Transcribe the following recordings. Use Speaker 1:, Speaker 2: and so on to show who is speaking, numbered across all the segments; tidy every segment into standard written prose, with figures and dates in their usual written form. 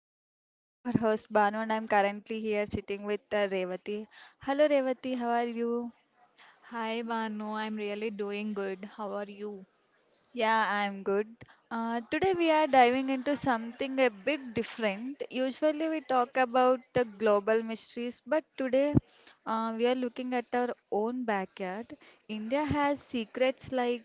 Speaker 1: I'm your host Banu, and I'm currently here sitting with Revati. Hello Revati, how are you?
Speaker 2: Hi Banu, I'm really doing good. How are you?
Speaker 1: Yeah, I'm good. Today we are diving into something a bit different. Usually we talk about the global mysteries, but today we are looking at our own backyard. India has secrets like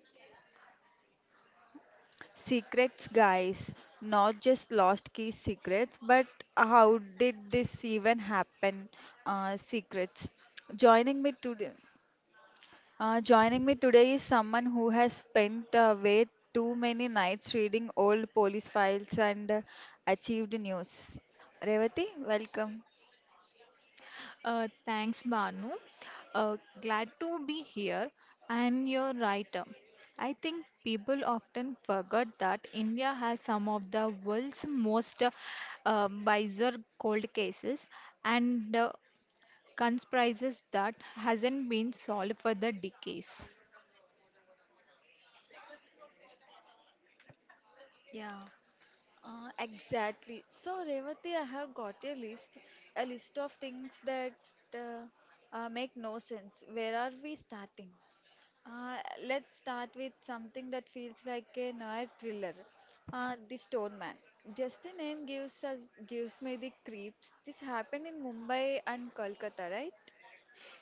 Speaker 1: secrets, guys, not just lost key secrets, but how did this even happen? Secrets. Joining me today, joining me today is someone who has spent way too many nights reading old police files and achieved news. Revati, welcome.
Speaker 2: Thanks, Banu. Glad to be here. And you're right. I think people often forget that India has some of the world's most bizarre cold cases and conspiracies that hasn't been solved for the decades.
Speaker 1: Yeah, exactly. So, Revati, I have got a list of things that uh, make no sense. Where are we starting? Uh, let's start with something that feels like a noir thriller. The Stone Man. Just the name gives me the creeps. This happened in Mumbai and Kolkata, right?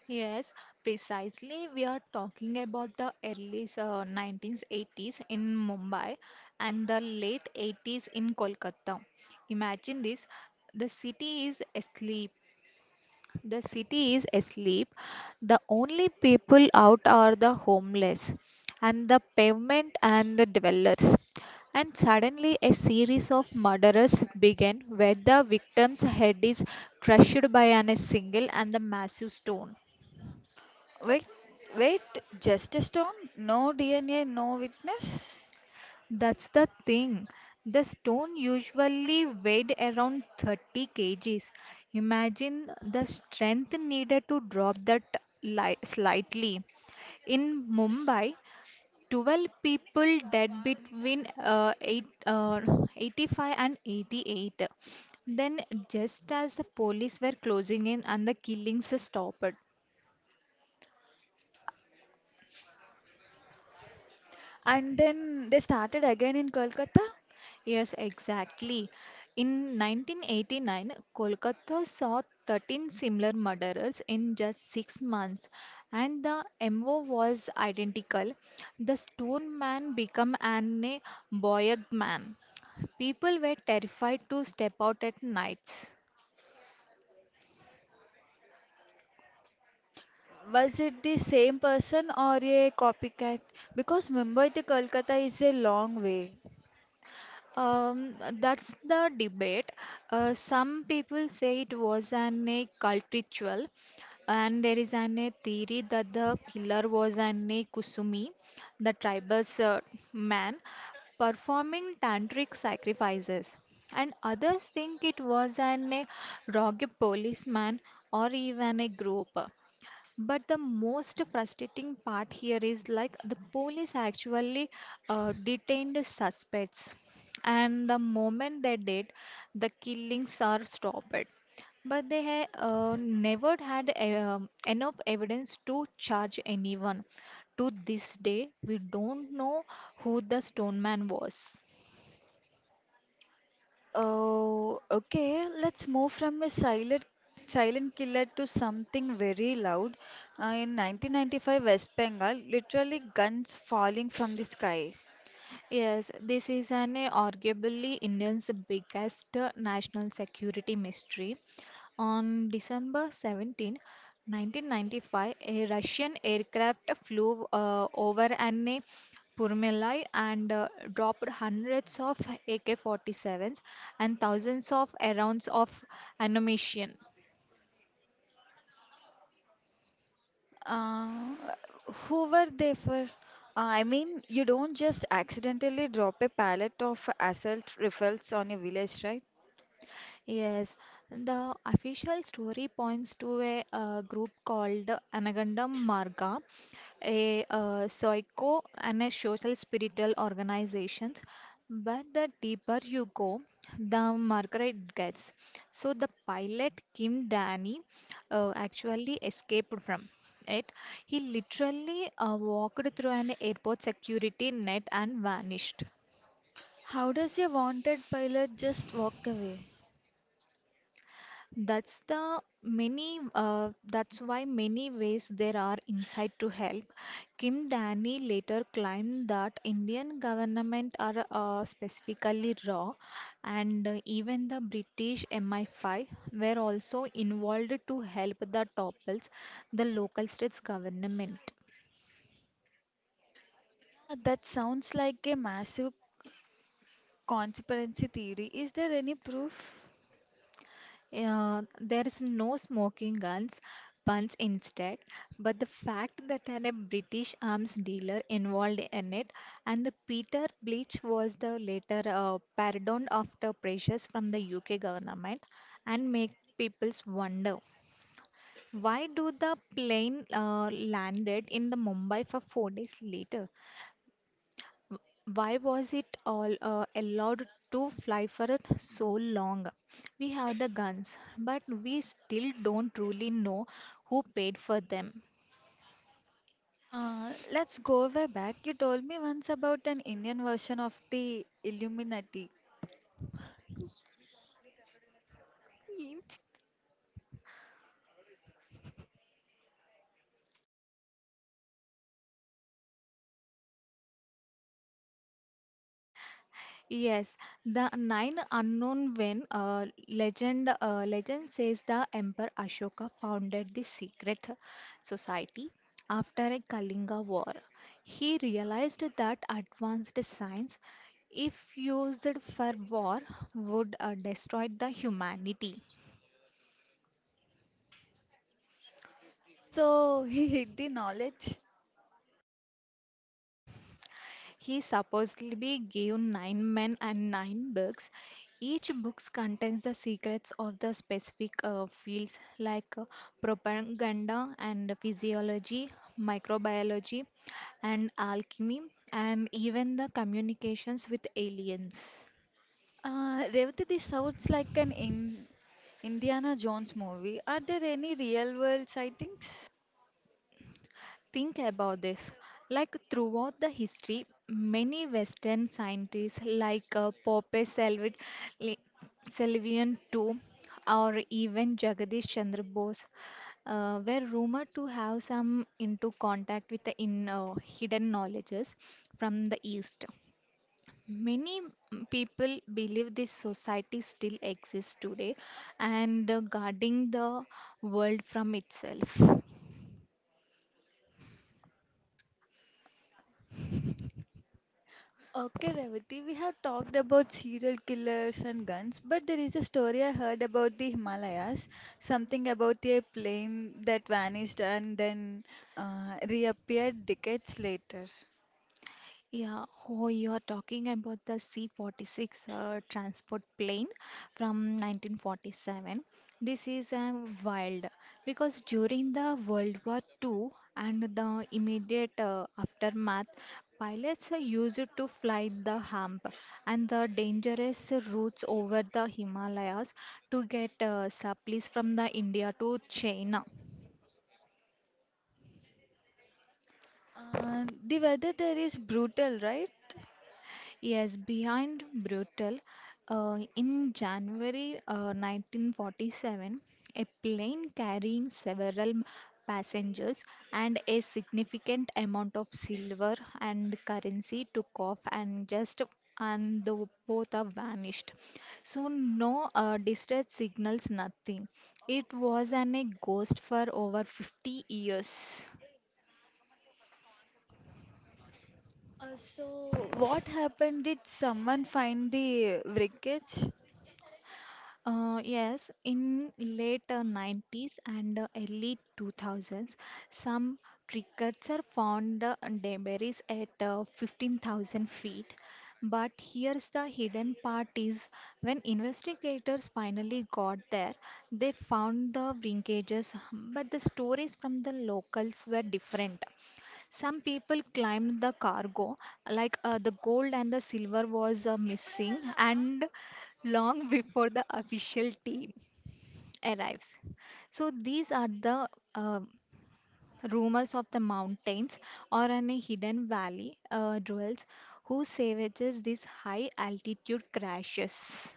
Speaker 2: Yes, precisely. We are talking about the early 1980s in Mumbai and the late 80s in Kolkata. Imagine this. The city is asleep. The city is asleep. The only people out are the homeless and the pavement and the dwellers. And suddenly, a series of murders began where the victim's head is crushed by an, a single and the massive stone.
Speaker 1: Wait, wait, just a stone? No DNA, no witness?
Speaker 2: That's the thing. The stone usually weighed around 30 kg kgs. Imagine the strength needed to drop that slightly. In Mumbai, 12 people dead between eight, 85 and 88. Then, just as the police were closing in and the killings stopped.
Speaker 1: And then they started again in Kolkata?
Speaker 2: Yes, exactly. In 1989, Kolkata saw 13 similar murderers in just 6 months, and the MO was identical. The stone man became an a boy man. People were terrified to step out at nights.
Speaker 1: Was it the same person or a copycat? Because Mumbai to Kolkata is a long way.
Speaker 2: Um, that's the debate. Some people say it was an a cult ritual, and there is an a theory that the killer was an a Kusumi, the tribe's man, performing tantric sacrifices. And others think it was an a rogue policeman or even a group. But the most frustrating part here is like the police actually detained suspects, and the moment they did, the killings are stopped. But they ha never had enough evidence to charge anyone. To this day, we don't know who the stone man was.
Speaker 1: Oh, okay. Let's move from a silent killer to something very loud. In 1995, West Bengal, literally guns falling from the sky.
Speaker 2: Yes, this is an arguably India's biggest national security mystery. On December 17, 1995, a Russian aircraft flew over an Purmalai and dropped hundreds of AK-47s and thousands of rounds of ammunition.
Speaker 1: Uh, who were they for? I mean, you don't just accidentally drop a pallet of assault rifles on a village, right?
Speaker 2: Yes, the official story points to a, group called Anagandam Marga, a psycho and a social spiritual organization. But the deeper you go, the murkier it gets. So the pilot Kim Danny actually escaped from it. He literally walked through an airport security net and vanished.
Speaker 1: How does a wanted pilot just walk away?
Speaker 2: That's the many. That's why many ways there are inside to help. Kim Danny later claimed that Indian government are specifically raw, and even the British MI5 were also involved to help the topples the local states government.
Speaker 1: Yeah, that sounds like a massive conspiracy theory. Is there any proof?
Speaker 2: There is no smoking guns, puns instead, but the fact that had a British arms dealer involved in it, and the Peter Bleach was the later pardoned after pressures from the UK government, and make people's wonder why do the plane landed in the Mumbai for 4 days later? Why was it all allowed to fly for it so long? We have the guns, but we still don't truly know who paid for them.
Speaker 1: Let's go way back. You told me once about an Indian version of the Illuminati.
Speaker 2: Yes, the nine unknown when legend says the Emperor Ashoka founded the secret society after a Kalinga war. He realized that advanced science, if used for war, would destroy the humanity.
Speaker 1: So he hid the knowledge.
Speaker 2: He supposedly gave nine men and nine books. Each book contains the secrets of the specific fields like propaganda and physiology, microbiology, and alchemy, and even the communications with aliens.
Speaker 1: Revati, this sounds like an in Indiana Jones movie. Are there any real world sightings?
Speaker 2: Think about this. Like throughout the history, many Western scientists, like Pope Selvid, Li- Sylvian too, or even Jagadish Chandra Bose, were rumored to have some into contact with the hidden knowledges from the East. Many People believe this society still exists today and guarding the world from itself.
Speaker 1: Okay, Revati, we have talked about serial killers and guns, but there is a story I heard about the Himalayas, something about a plane that vanished and then reappeared decades later.
Speaker 2: Yeah, oh, you're talking about the C-46 transport plane from 1947. This is wild because during the World War II and the immediate aftermath, pilots used to fly the hump and the dangerous routes over the Himalayas to get supplies from the India to China.
Speaker 1: The weather there is brutal, right?
Speaker 2: Yes, behind Brutal, in January 1947, a plane carrying several passengers and a significant amount of silver and currency took off and just and the both are vanished. So no distress signals, nothing. It was an a ghost for over 50 years.
Speaker 1: So, what happened? Did someone find the wreckage?
Speaker 2: Yes, in late 90s and early 2000s, some cricketers found debris at 15,000 feet. But here's the hidden part is when investigators finally got there, they found the linkages, but the stories from the locals were different. Some people climbed the cargo, like the gold and the silver, was missing, and long before the official team arrives. So these are the uh, rumors of the mountains or in a hidden valley dwells who savages these high altitude crashes.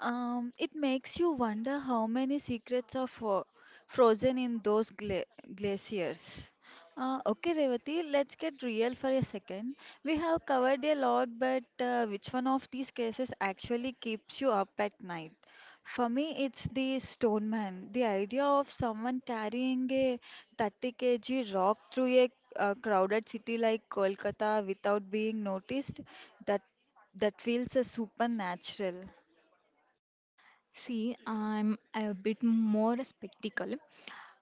Speaker 1: It makes you wonder how many secrets are frozen in those glaciers. Okay, Revati, let's get real for a second. We have covered a lot, but which one of these cases actually keeps you up at night? For me, it's the stone man. The idea of someone carrying a 30 kg rock through a crowded city like Kolkata without being noticed, that that feels supernatural.
Speaker 2: See, I'm a bit more spectacle.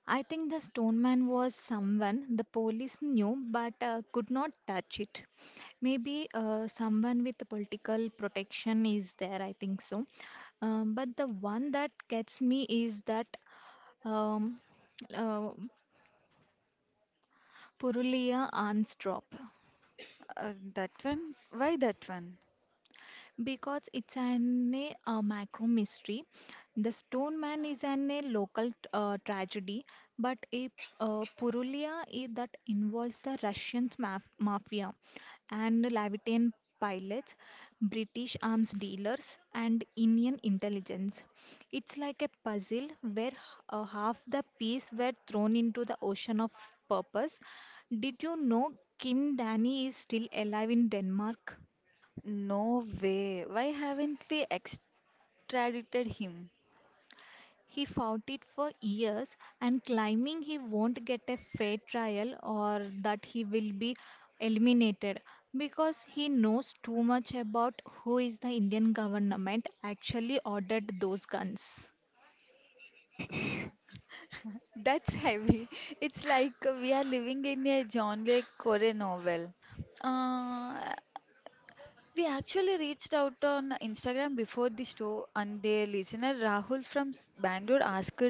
Speaker 2: I think the stone man was someone the police knew but could not touch it. Maybe someone with political protection is there, I think so. But the one that gets me is that um, uh, Purulia arms drop.
Speaker 1: That one? Why that one?
Speaker 2: Because it's an a, macro mystery. The Stone Man is an a local tragedy, but a Purulia is that involves the Russian mafia and Levitan pilots, British arms dealers, and Indian intelligence. It's like a puzzle where half the piece were thrown into the ocean of purpose. Did you know Kim Danny is still alive in Denmark?
Speaker 1: No way. Why haven't we extradited him?
Speaker 2: He fought it for years and claiming he won't get a fair trial or that he will be eliminated because he knows too much about who is the Indian government actually ordered those guns.
Speaker 1: That's heavy. It's like we are living in a John Le Carré novel. Uh, we actually reached out on Instagram before the show, and their listener Rahul from Bangalore asked,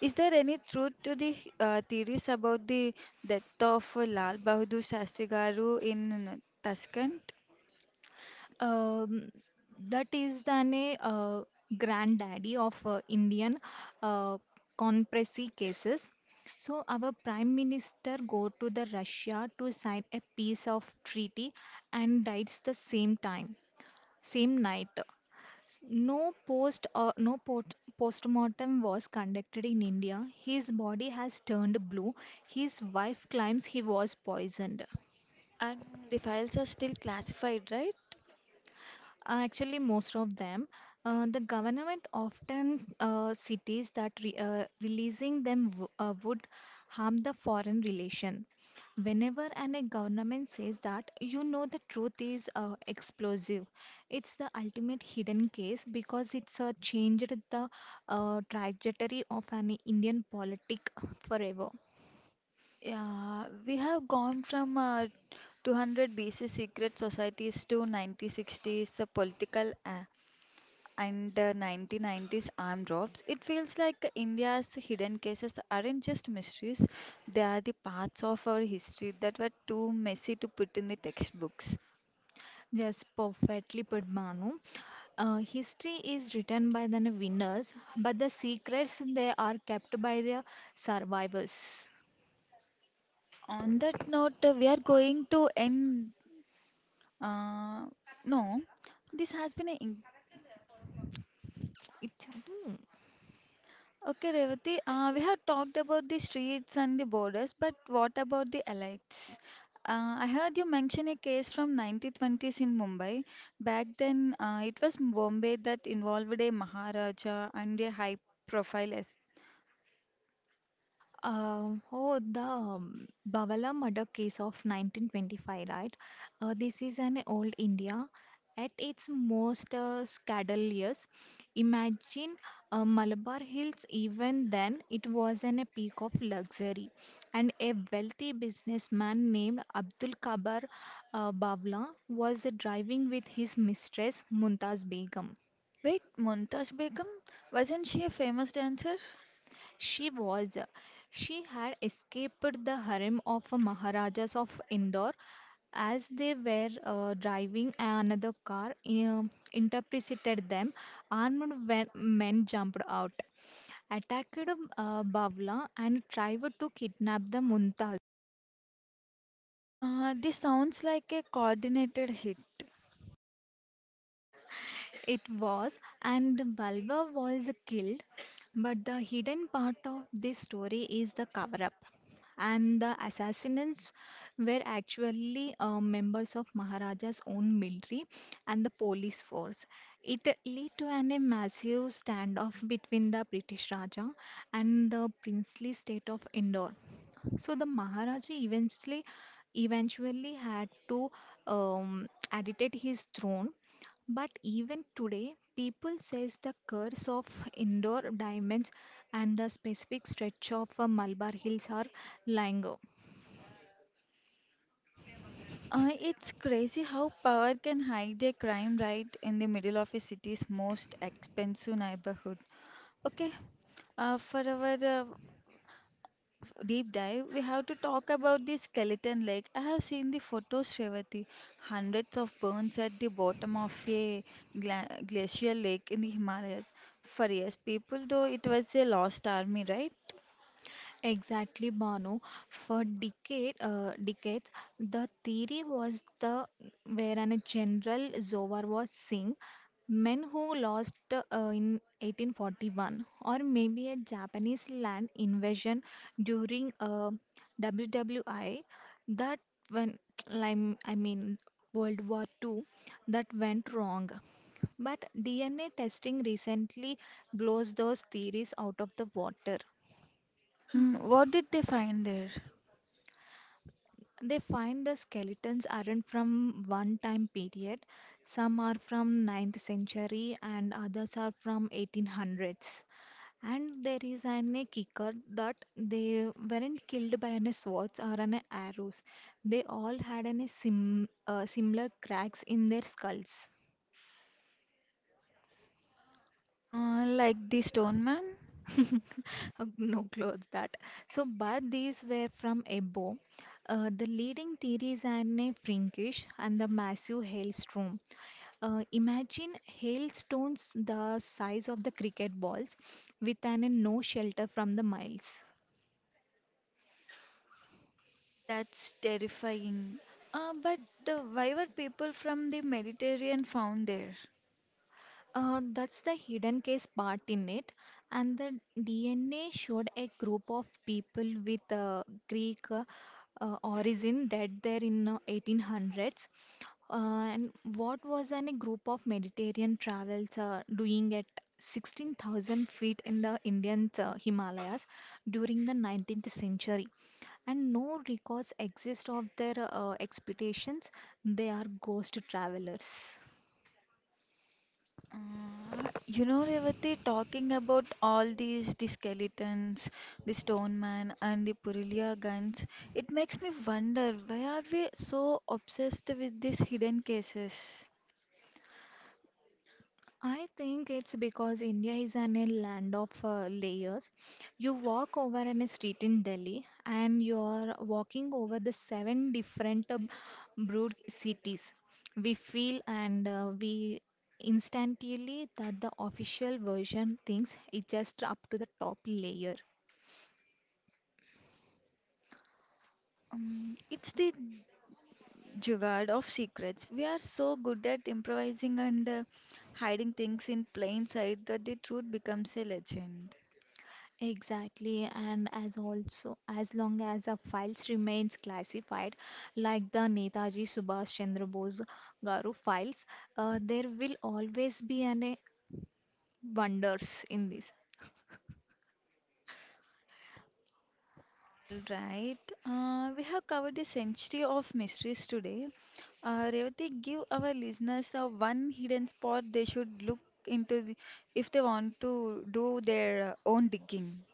Speaker 1: "Is there any truth to the theories about the death of Lal Bahadur Shastri Garu in Tashkent?"
Speaker 2: Um, that is the granddaddy of Indian uh, conspiracy cases. So our prime minister go to the Russia to sign a peace of treaty and dies the same time. Same night. No post postmortem was conducted in India. His body has turned blue. His wife claims he was poisoned.
Speaker 1: And the files are still classified, right?
Speaker 2: Actually, most of them. The government often cities that re releasing them w would harm the foreign relation. Whenever and a government says that, you know the truth is explosive. It's the ultimate hidden case because it's changed the trajectory of an Indian politic forever.
Speaker 1: Yeah, we have gone from 200 BC secret societies to 1960s political and 1990s armed drops. It feels like India's hidden cases aren't just mysteries, they are the parts of our history that were too messy to put in the textbooks.
Speaker 2: Yes, perfectly put, Manu. History is written by the winners, but the secrets they are kept by the survivors.
Speaker 1: On that note, we are going to end. Uh, no, this has been an
Speaker 2: It's- hmm.
Speaker 1: okay. Revati, we have talked about the streets and the borders, but what about the elites? I heard you mention a case from 1920s in Mumbai. Back then, it was Bombay that involved a Maharaja and a high-profile.
Speaker 2: Oh, the Bawala murder case of 1925, right? This is an old India at its most scandalous. Imagine Malabar Hills, even then, it was an, a peak of luxury. And a wealthy businessman named Abdul Kabar Bawla was driving with his mistress Mumtaz Begum.
Speaker 1: Wait, Mumtaz Begum? Wasn't she a famous dancer?
Speaker 2: She was. She had escaped the harem of Maharajas of Indore. As they were driving another car, interpreted them. Armed men jumped out, attacked bavla and tried to kidnap the Mumtaz.
Speaker 1: This sounds like a coordinated hit.
Speaker 2: It was, and Balwa was killed. But the hidden part of this story is the cover up. And the assassins were actually members of Maharaja's own military and the police force. It led to an, a massive standoff between the British Raja and the princely state of Indore. So the Maharaja eventually had to abdicate his throne. But even today, people says the curse of indoor diamonds and the specific stretch of Malabar Hills are lying.
Speaker 1: It's crazy how power can hide a crime right in the middle of a city's most expensive neighborhood. Okay, for our deep dive, we have to talk about the skeleton lake. I have seen the photos, Shravati. Hundreds of burns at the bottom of a glacial lake in the Himalayas. For years, people though it was a lost army, right?
Speaker 2: Exactly, Banu. For decades, the theory was the wherein a General Zohar was Singh, men who lost in 1841, or maybe a Japanese land invasion during WWI, that when I mean World War Two, that went wrong. But DNA testing recently blows those theories out of the water.
Speaker 1: And what did they find there?
Speaker 2: They find the skeletons aren't from one time period. Some are from 9th century and others are from 1800s. And there is an a kicker that they weren't killed by any swords or an arrows. They all had an a similar cracks in their skulls.
Speaker 1: Like the stone man?
Speaker 2: No clothes that. So, but these were from Ebo. The leading theories are a Frankish and the massive hailstorm. Imagine hailstones the size of the cricket balls with an no shelter from the miles.
Speaker 1: That's terrifying. But why were people from the Mediterranean found there?
Speaker 2: That's the hidden case part in it. And the DNA showed a group of people with Greek origin dead there in 1800s. And what was an, a group of Mediterranean travels doing at 16,000 feet in the Indian Himalayas during the 19th century? And no records exist of their expeditions. They are ghost travelers.
Speaker 1: Uh, you know, Revati, talking about all these the skeletons, the stone man, and the Purulia guns, it makes me wonder why are we so obsessed with these hidden cases?
Speaker 2: I think it's because India is an a land of layers. You walk over on a street in Delhi and you're walking over the seven different broad cities. We feel and we instantly that the official version thinks it's just up to the top layer.
Speaker 1: It's the jugaad of secrets. We are so good at improvising and hiding things in plain sight that the truth becomes a legend.
Speaker 2: Exactly, and as also as long as the files remains classified, like the Netaji Subhash Chandra Bose Garu files, there will always be an wonders in this.
Speaker 1: All right, we have covered a century of mysteries today. Revati, give our listeners one hidden spot they should look into if they want to do their own digging.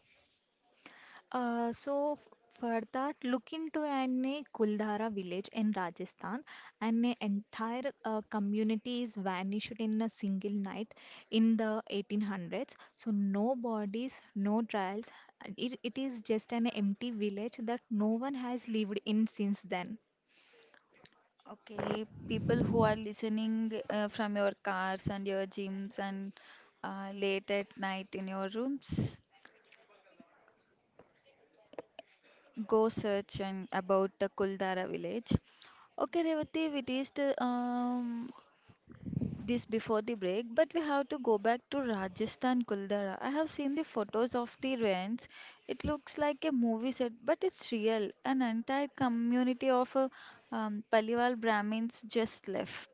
Speaker 2: For that, look into any Kuldhara village in Rajasthan, and an entire community is vanished in a single night in the 1800s. So no bodies, no trials. It is just an empty village that no one has lived in since then.
Speaker 1: Okay, people who are listening from your cars and your gyms and late at night in your rooms, go search and about the Kuldara village. Okay, Revati, we reached this before the break, but we have to go back to Rajasthan Kuldara. I have seen the photos of the ruins. It looks like a movie set, but it's real. An entire community of Paliwal Brahmins just left.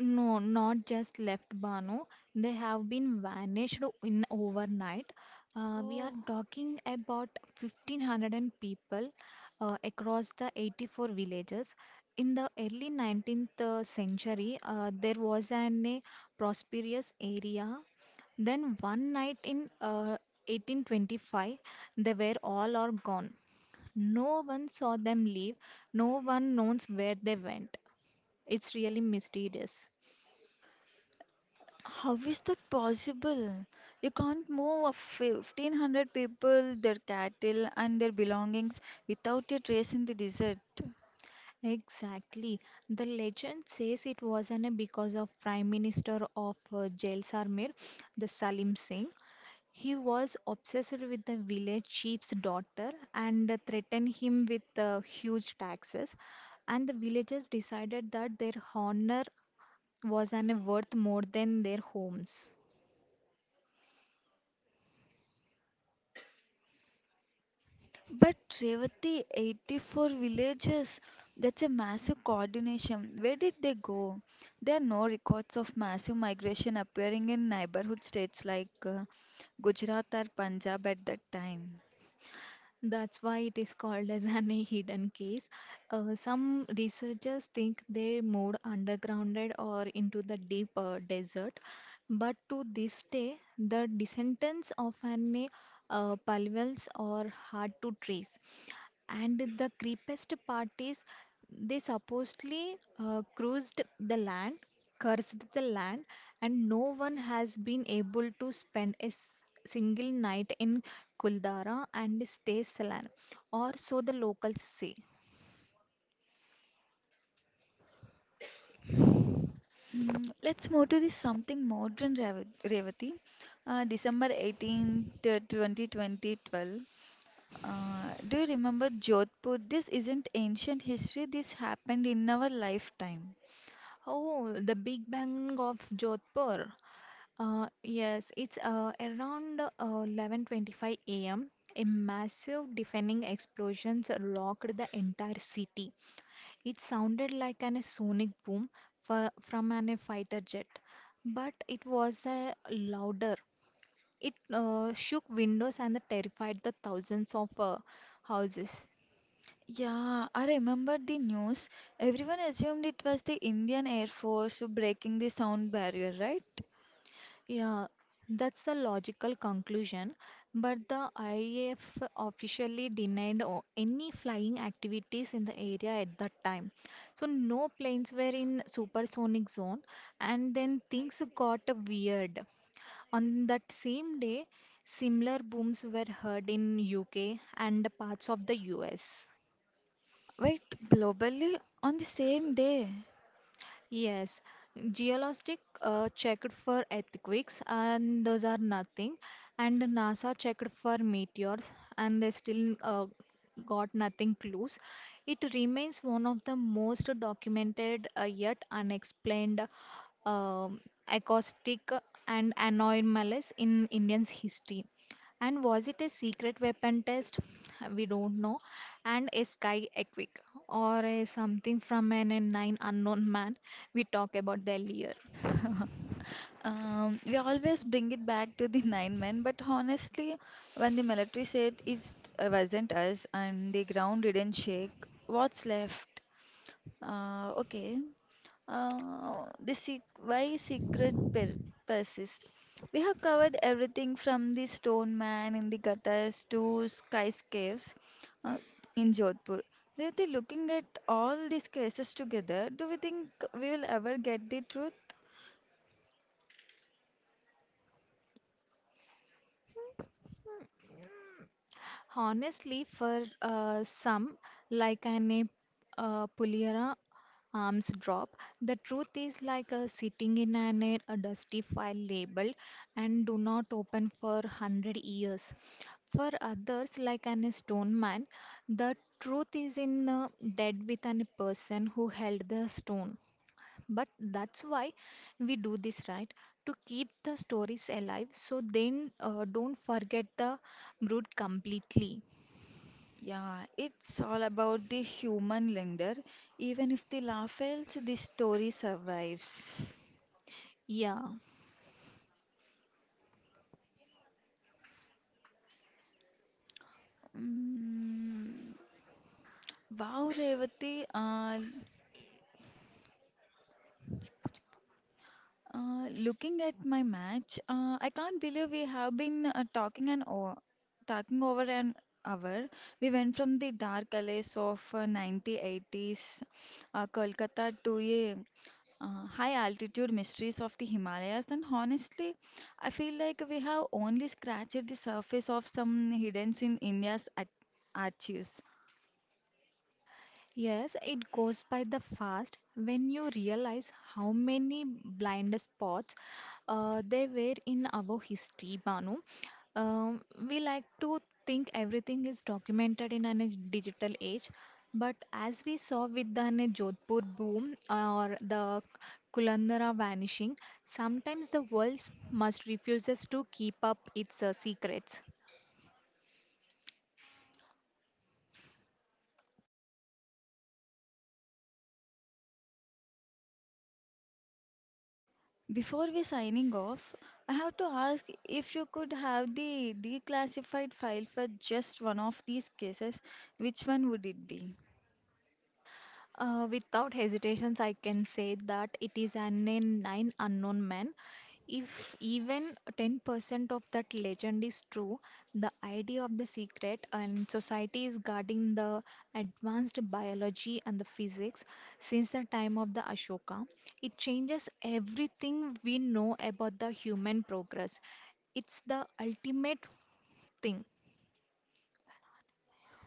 Speaker 2: No, not just left Bano. They have been vanished in overnight. We are
Speaker 1: Oh,
Speaker 2: talking about 1500 and people across the 84 villages. In the early 19th century, there was an a prosperous area. Then one night in 1825, they were all are gone. No one saw them leave. No one knows where they went. It's really mysterious.
Speaker 1: how is that possible? You can't move a 1500 people, their cattle, and their belongings without a trace in the desert.
Speaker 2: Exactly. The legend says it was an because of Prime Minister of Jaisalmer, the Salim Singh. He was obsessed with the village chief's daughter and threatened him with huge taxes. And the villagers decided that their honor was an worth more than their homes.
Speaker 1: But Revati, 84 villages, that's a massive coordination. Where did they go? There are no records of massive migration appearing in neighborhood states like Gujarat or Punjab at that time.
Speaker 2: That's why it is called as an a hidden case. Some researchers think they moved undergrounded or into the deep desert, but to this day, the descendants of an palivals are hard to trace. And the creepiest part is they supposedly cursed the land, and no one has been able to spend a single night in Kuldara and stay Salan, or so the locals say.
Speaker 1: Mm, let's move to this something modern, Revati. December 18th, 2020, 12. Do you remember Jodhpur? This isn't ancient history, this happened in our lifetime.
Speaker 2: Oh, the Big Bang of Jodhpur. Yes, it's around 11:25 a.m. A m. A massive deafening explosions rocked the entire city. It sounded like a sonic boom from a fighter jet, but it was a louder. It shook windows and terrified the thousands of houses.
Speaker 1: Yeah, I remember the news. Everyone assumed it was the Indian Air Force breaking the sound barrier, right?
Speaker 2: Yeah, that's the logical conclusion, but the IAF officially denied any flying activities in the area at that time. So no planes were in supersonic zone, and then things got weird. On that same day, similar booms were heard in UK and parts of the US.
Speaker 1: Wait, globally on the same day.
Speaker 2: Yes, geologic checked for earthquakes and those are nothing. And NASA checked for meteors and they still got nothing clues. It remains one of the most documented yet unexplained um acoustic and anomalous in Indian's history. And was it a secret weapon test? We don't know and a sky equic or a something from an a nine unknown man we talked about earlier.
Speaker 1: We always bring it back to the nine men, but honestly, when the military said it wasn't us and the ground didn't shake, what's left? Okay. Why secret persists. We have covered everything from the stone man in the gutters to skyscapes uh, in Jodhpur. Revati, looking at all these cases together, do we think we will ever get the truth?
Speaker 2: Honestly, for some, like an Puliera arms drop, the truth is like sitting in a dusty file labeled and do not open for 100 years. For others, like an stone man, the truth is in dead with an person who held the stone. But that's why we do this, right? To keep the stories alive so then don't forget the brood completely.
Speaker 1: Yeah, it's all about the human lender. Even if the law fails, the story survives.
Speaker 2: Yeah.
Speaker 1: Mm, wow, Revati. Looking at my match, I can't believe we have been talking an hour, talking over an hour. We went from the dark alleys of 1980s Kolkata to a high altitude mysteries of the Himalayas, and honestly, I feel like we have only scratched the surface of some hidden in India's archives.
Speaker 2: Yes, it goes by the fast when you realize how many blind spots there were in our history, Banu. Um, we like to think everything is documented in a digital age, but as we saw with the Jodhpur boom or the Kulandara vanishing, sometimes the world must refuses to keep up its secrets.
Speaker 1: Before we signing off, I have to ask if you could have the declassified file for just one of these cases, which one would it be?
Speaker 2: Without hesitations, I can say that it is an a nine unknown man. If even 10% of that legend is true, the idea of the secret and society is guarding the advanced biology and the physics since the time of the Ashoka. It changes everything we know about the human progress. It's the ultimate thing.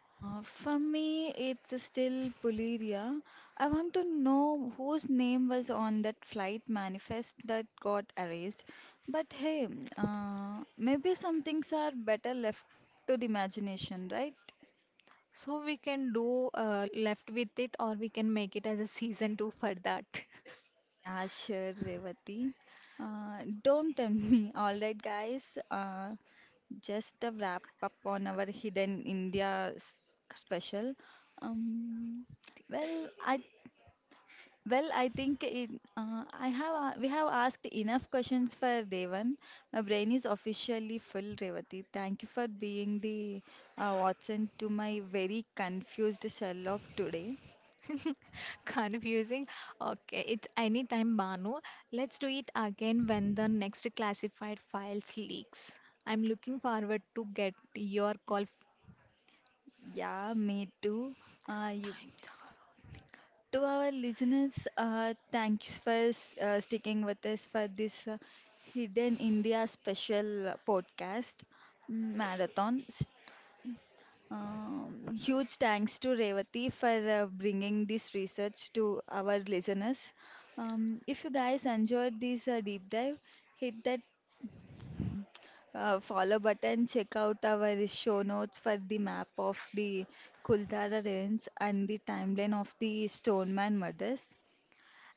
Speaker 1: For me, it's still Puleria. I want to know whose name was on that flight manifest that got erased. But hey, maybe some things are better left to the imagination, right?
Speaker 2: So we can do left with it or we can make it as a season two for that.
Speaker 1: Yeah, sure, Revati. Don't tempt me. All right, guys. Just a wrap up on our hidden India special. Um, well, I well I think it, I have a- we have asked enough questions for Devan. My brain is officially full, Revati. Thank you for being the Watson to my very confused Sherlock today.
Speaker 2: Confusing. Okay, it's anytime, Banu. Let's do it again when the next classified files leaks. I'm looking forward to get your call.
Speaker 1: Yeah, me too. You
Speaker 2: Time's up.
Speaker 1: to our listeners, thanks for sticking with us for this Hidden India special podcast marathon. Huge thanks to Revati for bringing this research to our listeners. If you guys enjoyed this deep dive, hit that follow button, check out our show notes for the map of the Kuldara ruins and the timeline of the Stoneman murders.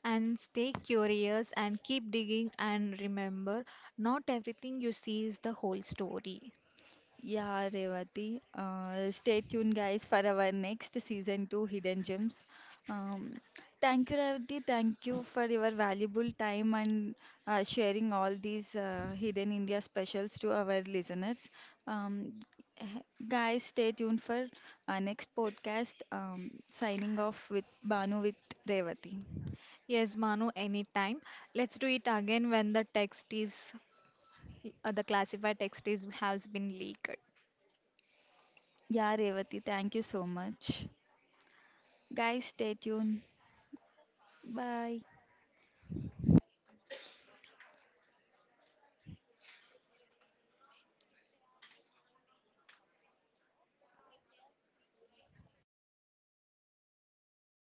Speaker 2: And stay curious and keep digging and remember, not everything you see is the whole story.
Speaker 1: Yeah, Revati. Stay tuned, guys, for our next season two Hidden Gems. Um, thank you, Revati. Thank you for your valuable time and sharing all these Hidden India specials to our listeners. Um, Guys, stay tuned for our next podcast. Signing off with Banu with Revati.
Speaker 2: Yes, Manu, anytime. Let's do it again when the text is, the classified text is has been leaked.
Speaker 1: Yeah, Revati, thank you so much. Guys, stay tuned. Bye.